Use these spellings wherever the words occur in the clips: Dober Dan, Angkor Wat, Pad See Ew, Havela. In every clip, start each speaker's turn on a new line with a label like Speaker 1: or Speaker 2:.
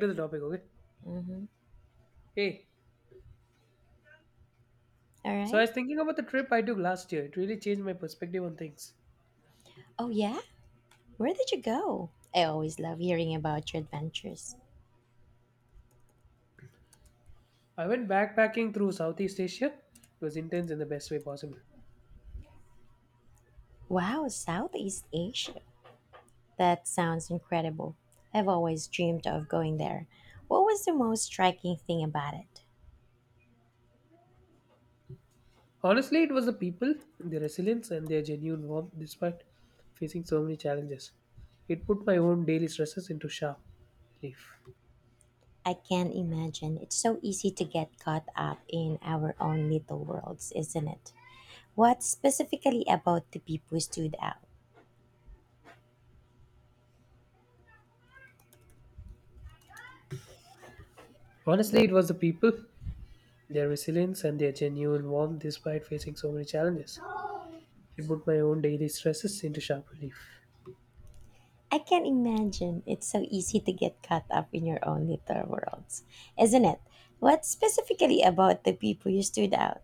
Speaker 1: To the topic, okay?
Speaker 2: Mm-hmm.
Speaker 1: Hey,
Speaker 2: All
Speaker 1: so I
Speaker 2: right.
Speaker 1: was thinking about the trip I took last year. It really changed my perspective on things.
Speaker 2: Oh, yeah? Where did you go? I always love hearing about your adventures.
Speaker 1: I went backpacking through Southeast Asia. It was intense in the best way possible.
Speaker 2: Wow, Southeast Asia. That sounds incredible. I've always dreamed of going there. What was the most striking thing about it?
Speaker 1: Honestly, it was the people, their resilience, and their genuine warmth despite facing so many challenges. It put my own daily stresses into sharp relief.
Speaker 2: I can't imagine. It's so easy to get caught up in our own little worlds, isn't it? What specifically about the people stood out?
Speaker 1: Honestly, it was the people, their resilience, and their genuine warmth despite facing so many challenges. It put my own daily stresses into sharp relief.
Speaker 2: I can imagine it's so easy to get caught up in your own little worlds, isn't it? What specifically about the people you stood out?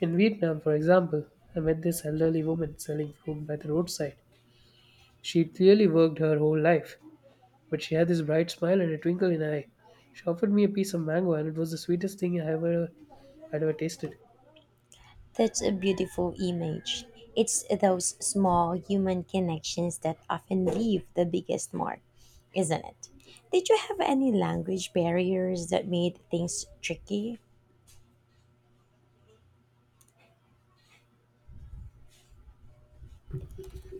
Speaker 1: In Vietnam, for example, I met this elderly woman selling fruit by the roadside. She clearly worked her whole life, but she had this bright smile and a twinkle in her eye. She offered me a piece of mango, and it was the sweetest thing I ever had ever tasted.
Speaker 2: That's a beautiful image. It's those small human connections that often leave the biggest mark, isn't it? Did you have any language barriers that made things tricky?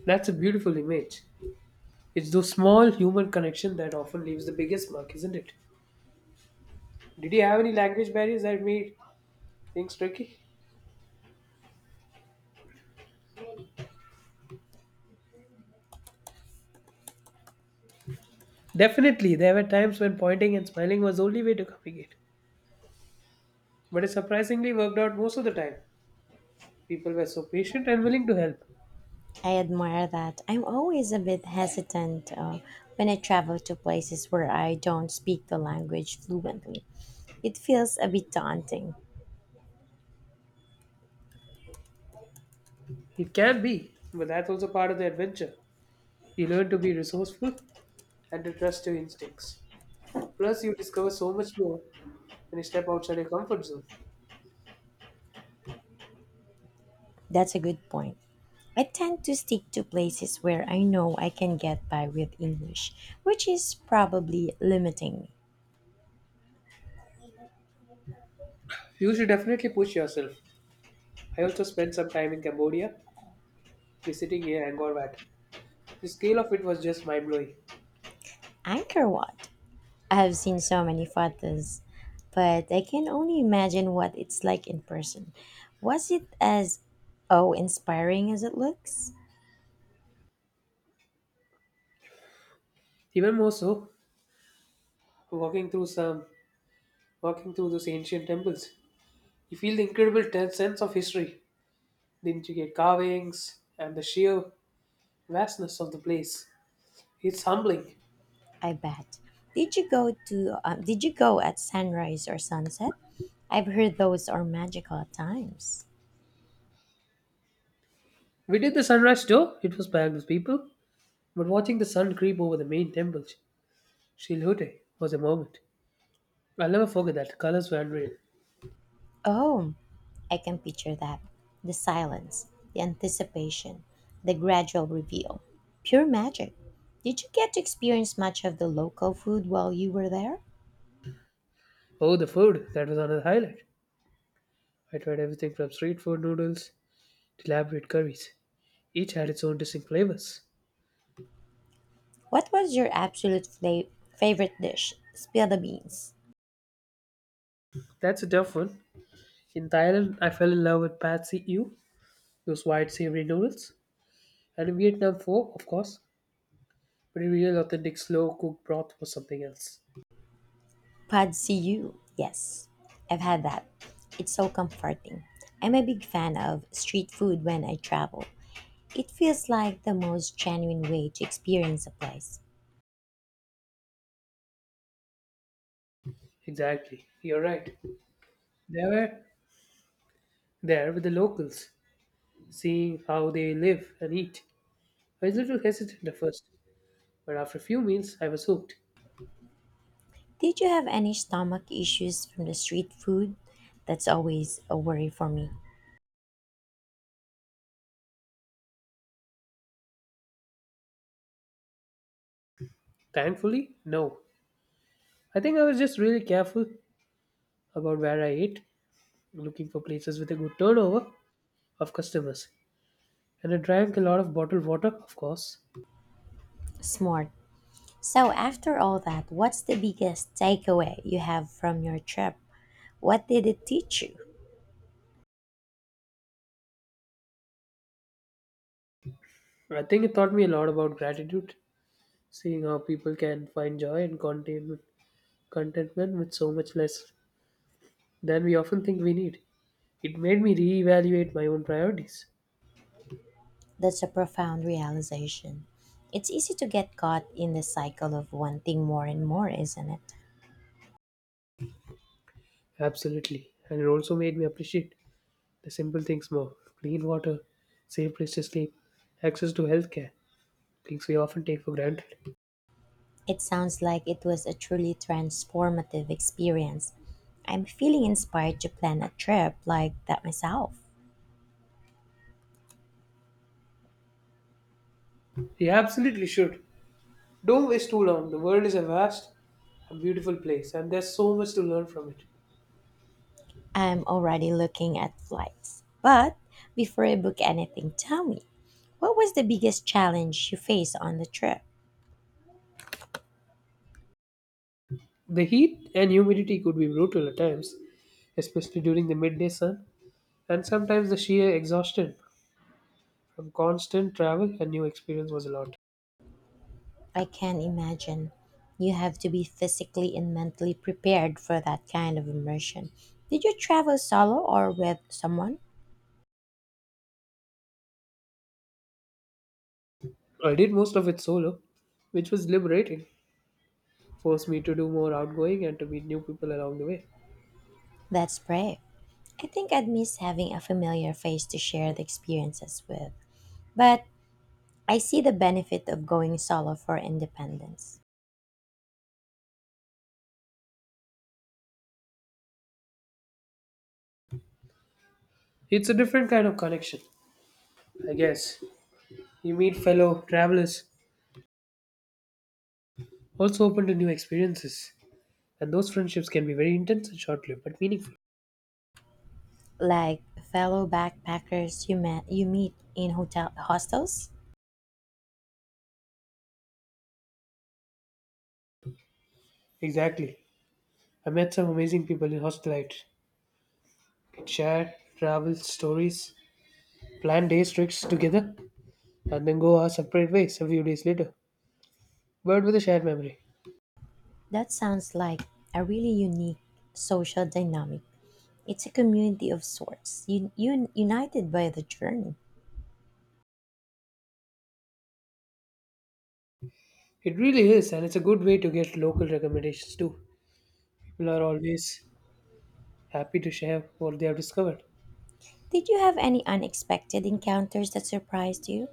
Speaker 1: That's a beautiful image. It's those small human connection that often leaves the biggest mark, isn't it? Did you have any language barriers that made things tricky? Definitely, there were times when pointing and smiling was the only way to communicate. But it surprisingly worked out most of the time. People were so patient and willing to help.
Speaker 2: I admire that. I'm always a bit hesitant when I travel to places where I don't speak the language fluently. It feels a bit daunting.
Speaker 1: It can be, but that's also part of the adventure. You learn to be resourceful and to trust your instincts. Plus, you discover so much more when you step outside your comfort zone.
Speaker 2: That's a good point. I tend to stick to places where I know I can get by with English, which is probably limiting.
Speaker 1: You should definitely push yourself. I also spent some time in Cambodia, visiting a Angkor Wat. The scale of it was just mind-blowing.
Speaker 2: Anchor what? I have seen so many photos, but I can only imagine what it's like in person. Was it as oh inspiring as it looks?
Speaker 1: Even more so, walking through some, walking through those ancient temples, you feel the incredible sense of history, the intricate carvings, and the sheer vastness of the place. It's humbling.
Speaker 2: I bet. Did you go to did you go at sunrise or sunset? I've heard those are magical at times.
Speaker 1: We did the sunrise tour. It was packed with people, but watching the sun creep over the main temple, Shilhute, was a moment. I'll never forget that. The colors were unreal.
Speaker 2: Oh, I can picture that. The silence, the anticipation, the gradual reveal. Pure magic. Did you get to experience much of the local food while you were there?
Speaker 1: Oh, the food. That was another highlight. I tried everything from street food noodles to elaborate curries. Each had its own distinct flavors.
Speaker 2: What was your absolute favorite dish? Spill the beans.
Speaker 1: That's a tough one. In Thailand, I fell in love with Pad See Ew, those white savory noodles. And in Vietnam, pho, of course. But a real authentic slow cooked broth was something else.
Speaker 2: Quad CU, yes. I've had that. It's so comforting. I'm a big fan of street food when I travel. It feels like the most genuine way to experience a place.
Speaker 1: Exactly. You're right. They were there with the locals, seeing how they live and eat. I was a little hesitant at first, but after a few meals, I was hooked.
Speaker 2: Did you have any stomach issues from the street food? That's always a worry for me.
Speaker 1: Thankfully, no. I think I was just really careful about where I ate, looking for places with a good turnover of customers. And I drank a lot of bottled water, of course.
Speaker 2: Smart. So, after all that, what's the biggest takeaway you have from your trip? What did it teach you?
Speaker 1: I think it taught me a lot about gratitude, seeing how people can find joy and contentment, with so much less than we often think we need. It made me reevaluate my own priorities.
Speaker 2: That's a profound realization. It's easy to get caught in the cycle of wanting more and more, isn't it?
Speaker 1: Absolutely. And it also made me appreciate the simple things more: clean water, safe place to sleep, access to healthcare, things we often take for granted.
Speaker 2: It sounds like it was a truly transformative experience. I'm feeling inspired to plan a trip like that myself.
Speaker 1: We absolutely should. Don't waste too long. The world is a vast and beautiful place, and there's so much to learn from it.
Speaker 2: I'm already looking at flights. But before I book anything, tell me, what was the biggest challenge you faced on the trip?
Speaker 1: The heat and humidity could be brutal at times, especially during the midday sun, and sometimes the sheer exhaustion from constant travel and new experience was a lot.
Speaker 2: I can imagine. You have to be physically and mentally prepared for that kind of immersion. Did you travel solo or with someone?
Speaker 1: I did most of it solo, which was liberating, forced me to do more outgoing and to meet new people along the way.
Speaker 2: That's brave. I think I'd miss having a familiar face to share the experiences with. But I see the benefit of going solo for independence.
Speaker 1: It's a different kind of connection, I guess. You meet fellow travelers, also open to new experiences, and those friendships can be very intense and short lived but meaningful.
Speaker 2: Like fellow backpackers you meet in hotel hostels.
Speaker 1: Exactly. I met some amazing people in hostel life. Could share travel stories, plan days, trips together, and then go our separate ways a few days later, but with a shared memory.
Speaker 2: That sounds like a really unique social dynamic. It's a community of sorts, united by the journey.
Speaker 1: It really is, and it's a good way to get local recommendations too. People are always happy to share what they have discovered.
Speaker 2: Did you have any unexpected encounters that surprised you?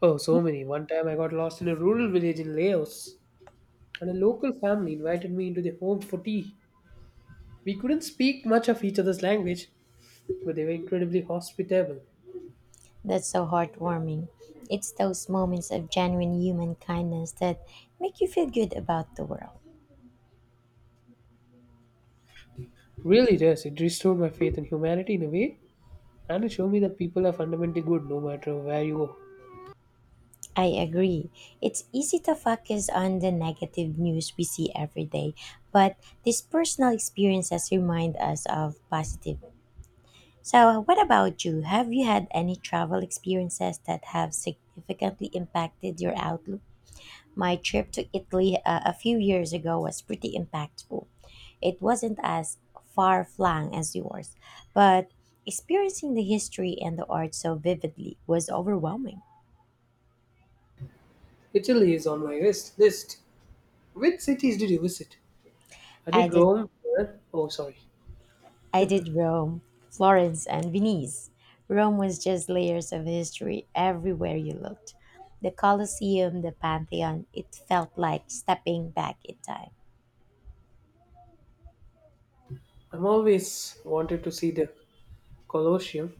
Speaker 1: Oh, so many. One time I got lost in a rural village in Laos, and a local family invited me into their home for tea. We couldn't speak much of each other's language, but they were incredibly hospitable.
Speaker 2: That's so heartwarming. It's those moments of genuine human kindness that make you feel good about the world.
Speaker 1: Really does. It restored my faith in humanity in a way, and it showed me that people are fundamentally good no matter where you go.
Speaker 2: I agree. It's easy to focus on the negative news we see every day, but these personal experiences remind us of positive. So, what about you? Have you had any travel experiences that have significantly impacted your outlook? My trip to Italy, a few years ago was pretty impactful. It wasn't as far flung as yours, but experiencing the history and the art so vividly was overwhelming.
Speaker 1: Italy is on my list. List. Which cities did you visit? I
Speaker 2: I
Speaker 1: did
Speaker 2: did
Speaker 1: Rome. Florence— Oh, sorry.
Speaker 2: I did Rome, Florence, and Venice. Rome was just layers of history everywhere you looked. The Colosseum, the Pantheon, it felt like stepping back in time.
Speaker 1: I'm always wanted to see the Colosseum.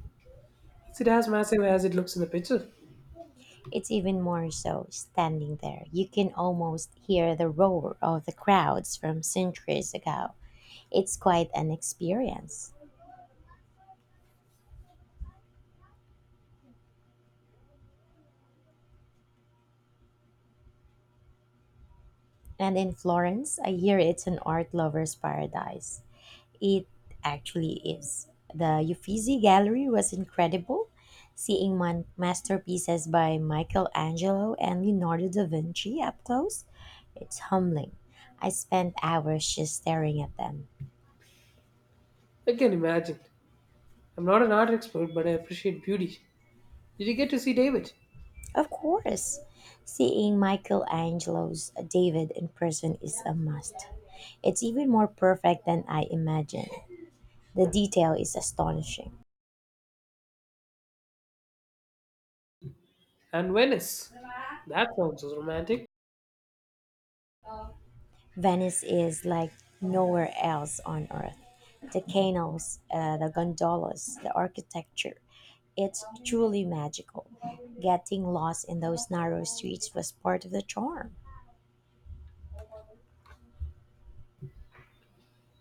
Speaker 1: Is it as massive as it looks in the picture?
Speaker 2: It's even more so standing there. You can almost hear the roar of the crowds from centuries ago. It's quite an experience. And in Florence, I hear it's an art lover's paradise. It actually is. The Uffizi Gallery was incredible. Seeing masterpieces by Michelangelo and Leonardo da Vinci up close, it's humbling. I spent hours just staring at them.
Speaker 1: I can imagine. I'm not an art expert, but I appreciate beauty. Did you get to see David?
Speaker 2: Of course, seeing Michelangelo's David in person is a must. It's even more perfect than I imagined. The detail is astonishing.
Speaker 1: And Venice. That sounds so romantic.
Speaker 2: Venice is like nowhere else on earth. The canals, the gondolas, the architecture. It's truly magical. Getting lost in those narrow streets was part of the charm.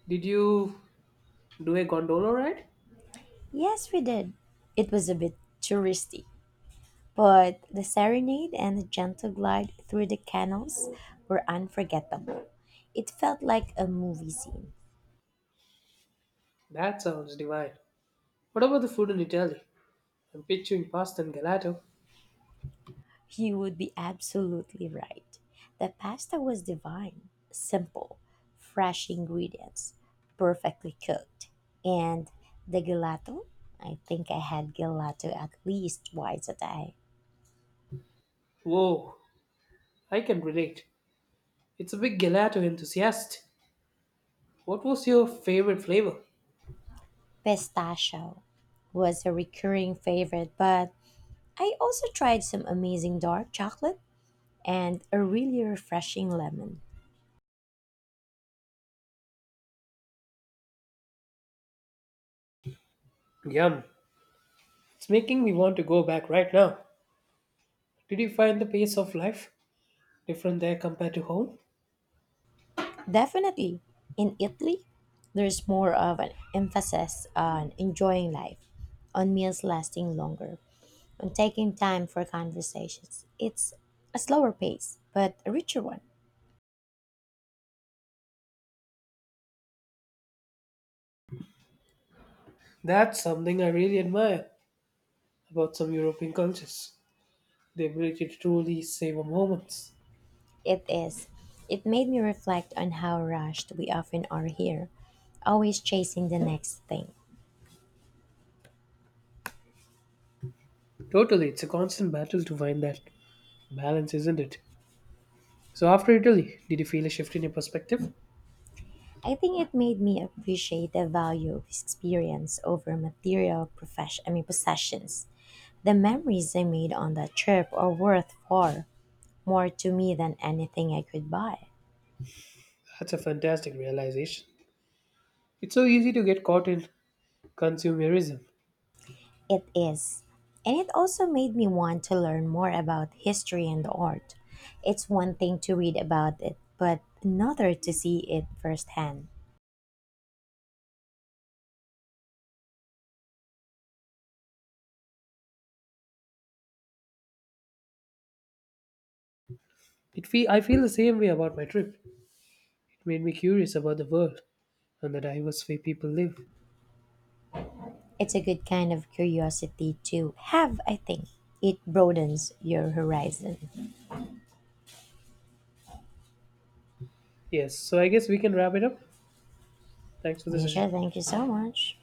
Speaker 1: Did you do a gondola ride?
Speaker 2: Yes, we did. It was a bit touristy, but the serenade and the gentle glide through the canals were unforgettable. It felt like a movie scene.
Speaker 1: That sounds divine. What about the food in Italy? I'm picturing pasta and gelato.
Speaker 2: You would be absolutely right. The pasta was divine, simple, fresh ingredients, perfectly cooked. And the gelato? I think I had gelato at least twice a day.
Speaker 1: Whoa, I can relate. It's a big gelato enthusiast. What was your favorite flavor?
Speaker 2: Pistachio was a recurring favorite, but I also tried some amazing dark chocolate and a really refreshing lemon.
Speaker 1: Yum. It's making me want to go back right now. Did you find the pace of life different there compared to home?
Speaker 2: Definitely. In Italy, there's more of an emphasis on enjoying life, on meals lasting longer, on taking time for conversations. It's a slower pace, but a richer one.
Speaker 1: That's something I really admire about some European cultures, the ability to truly savor moments.
Speaker 2: It is. It made me reflect on how rushed we often are here, always chasing the next thing.
Speaker 1: Totally, it's a constant battle to find that balance, isn't it? So, after Italy, did you feel a shift in your perspective?
Speaker 2: I think it made me appreciate the value of experience over material profession I mean possessions. The memories I made on that trip are worth far more to me than anything I could buy.
Speaker 1: That's a fantastic realization. It's so easy to get caught in consumerism.
Speaker 2: It is. And it also made me want to learn more about history and art. It's one thing to read about it, but another to see it firsthand.
Speaker 1: I feel the same way about my trip. It made me curious about the world and the diverse way people live.
Speaker 2: It's a good kind of curiosity to have, I think. It broadens your horizon.
Speaker 1: Yes, so I guess we can wrap it up. Thanks for the session.
Speaker 2: Misha, thank you so much.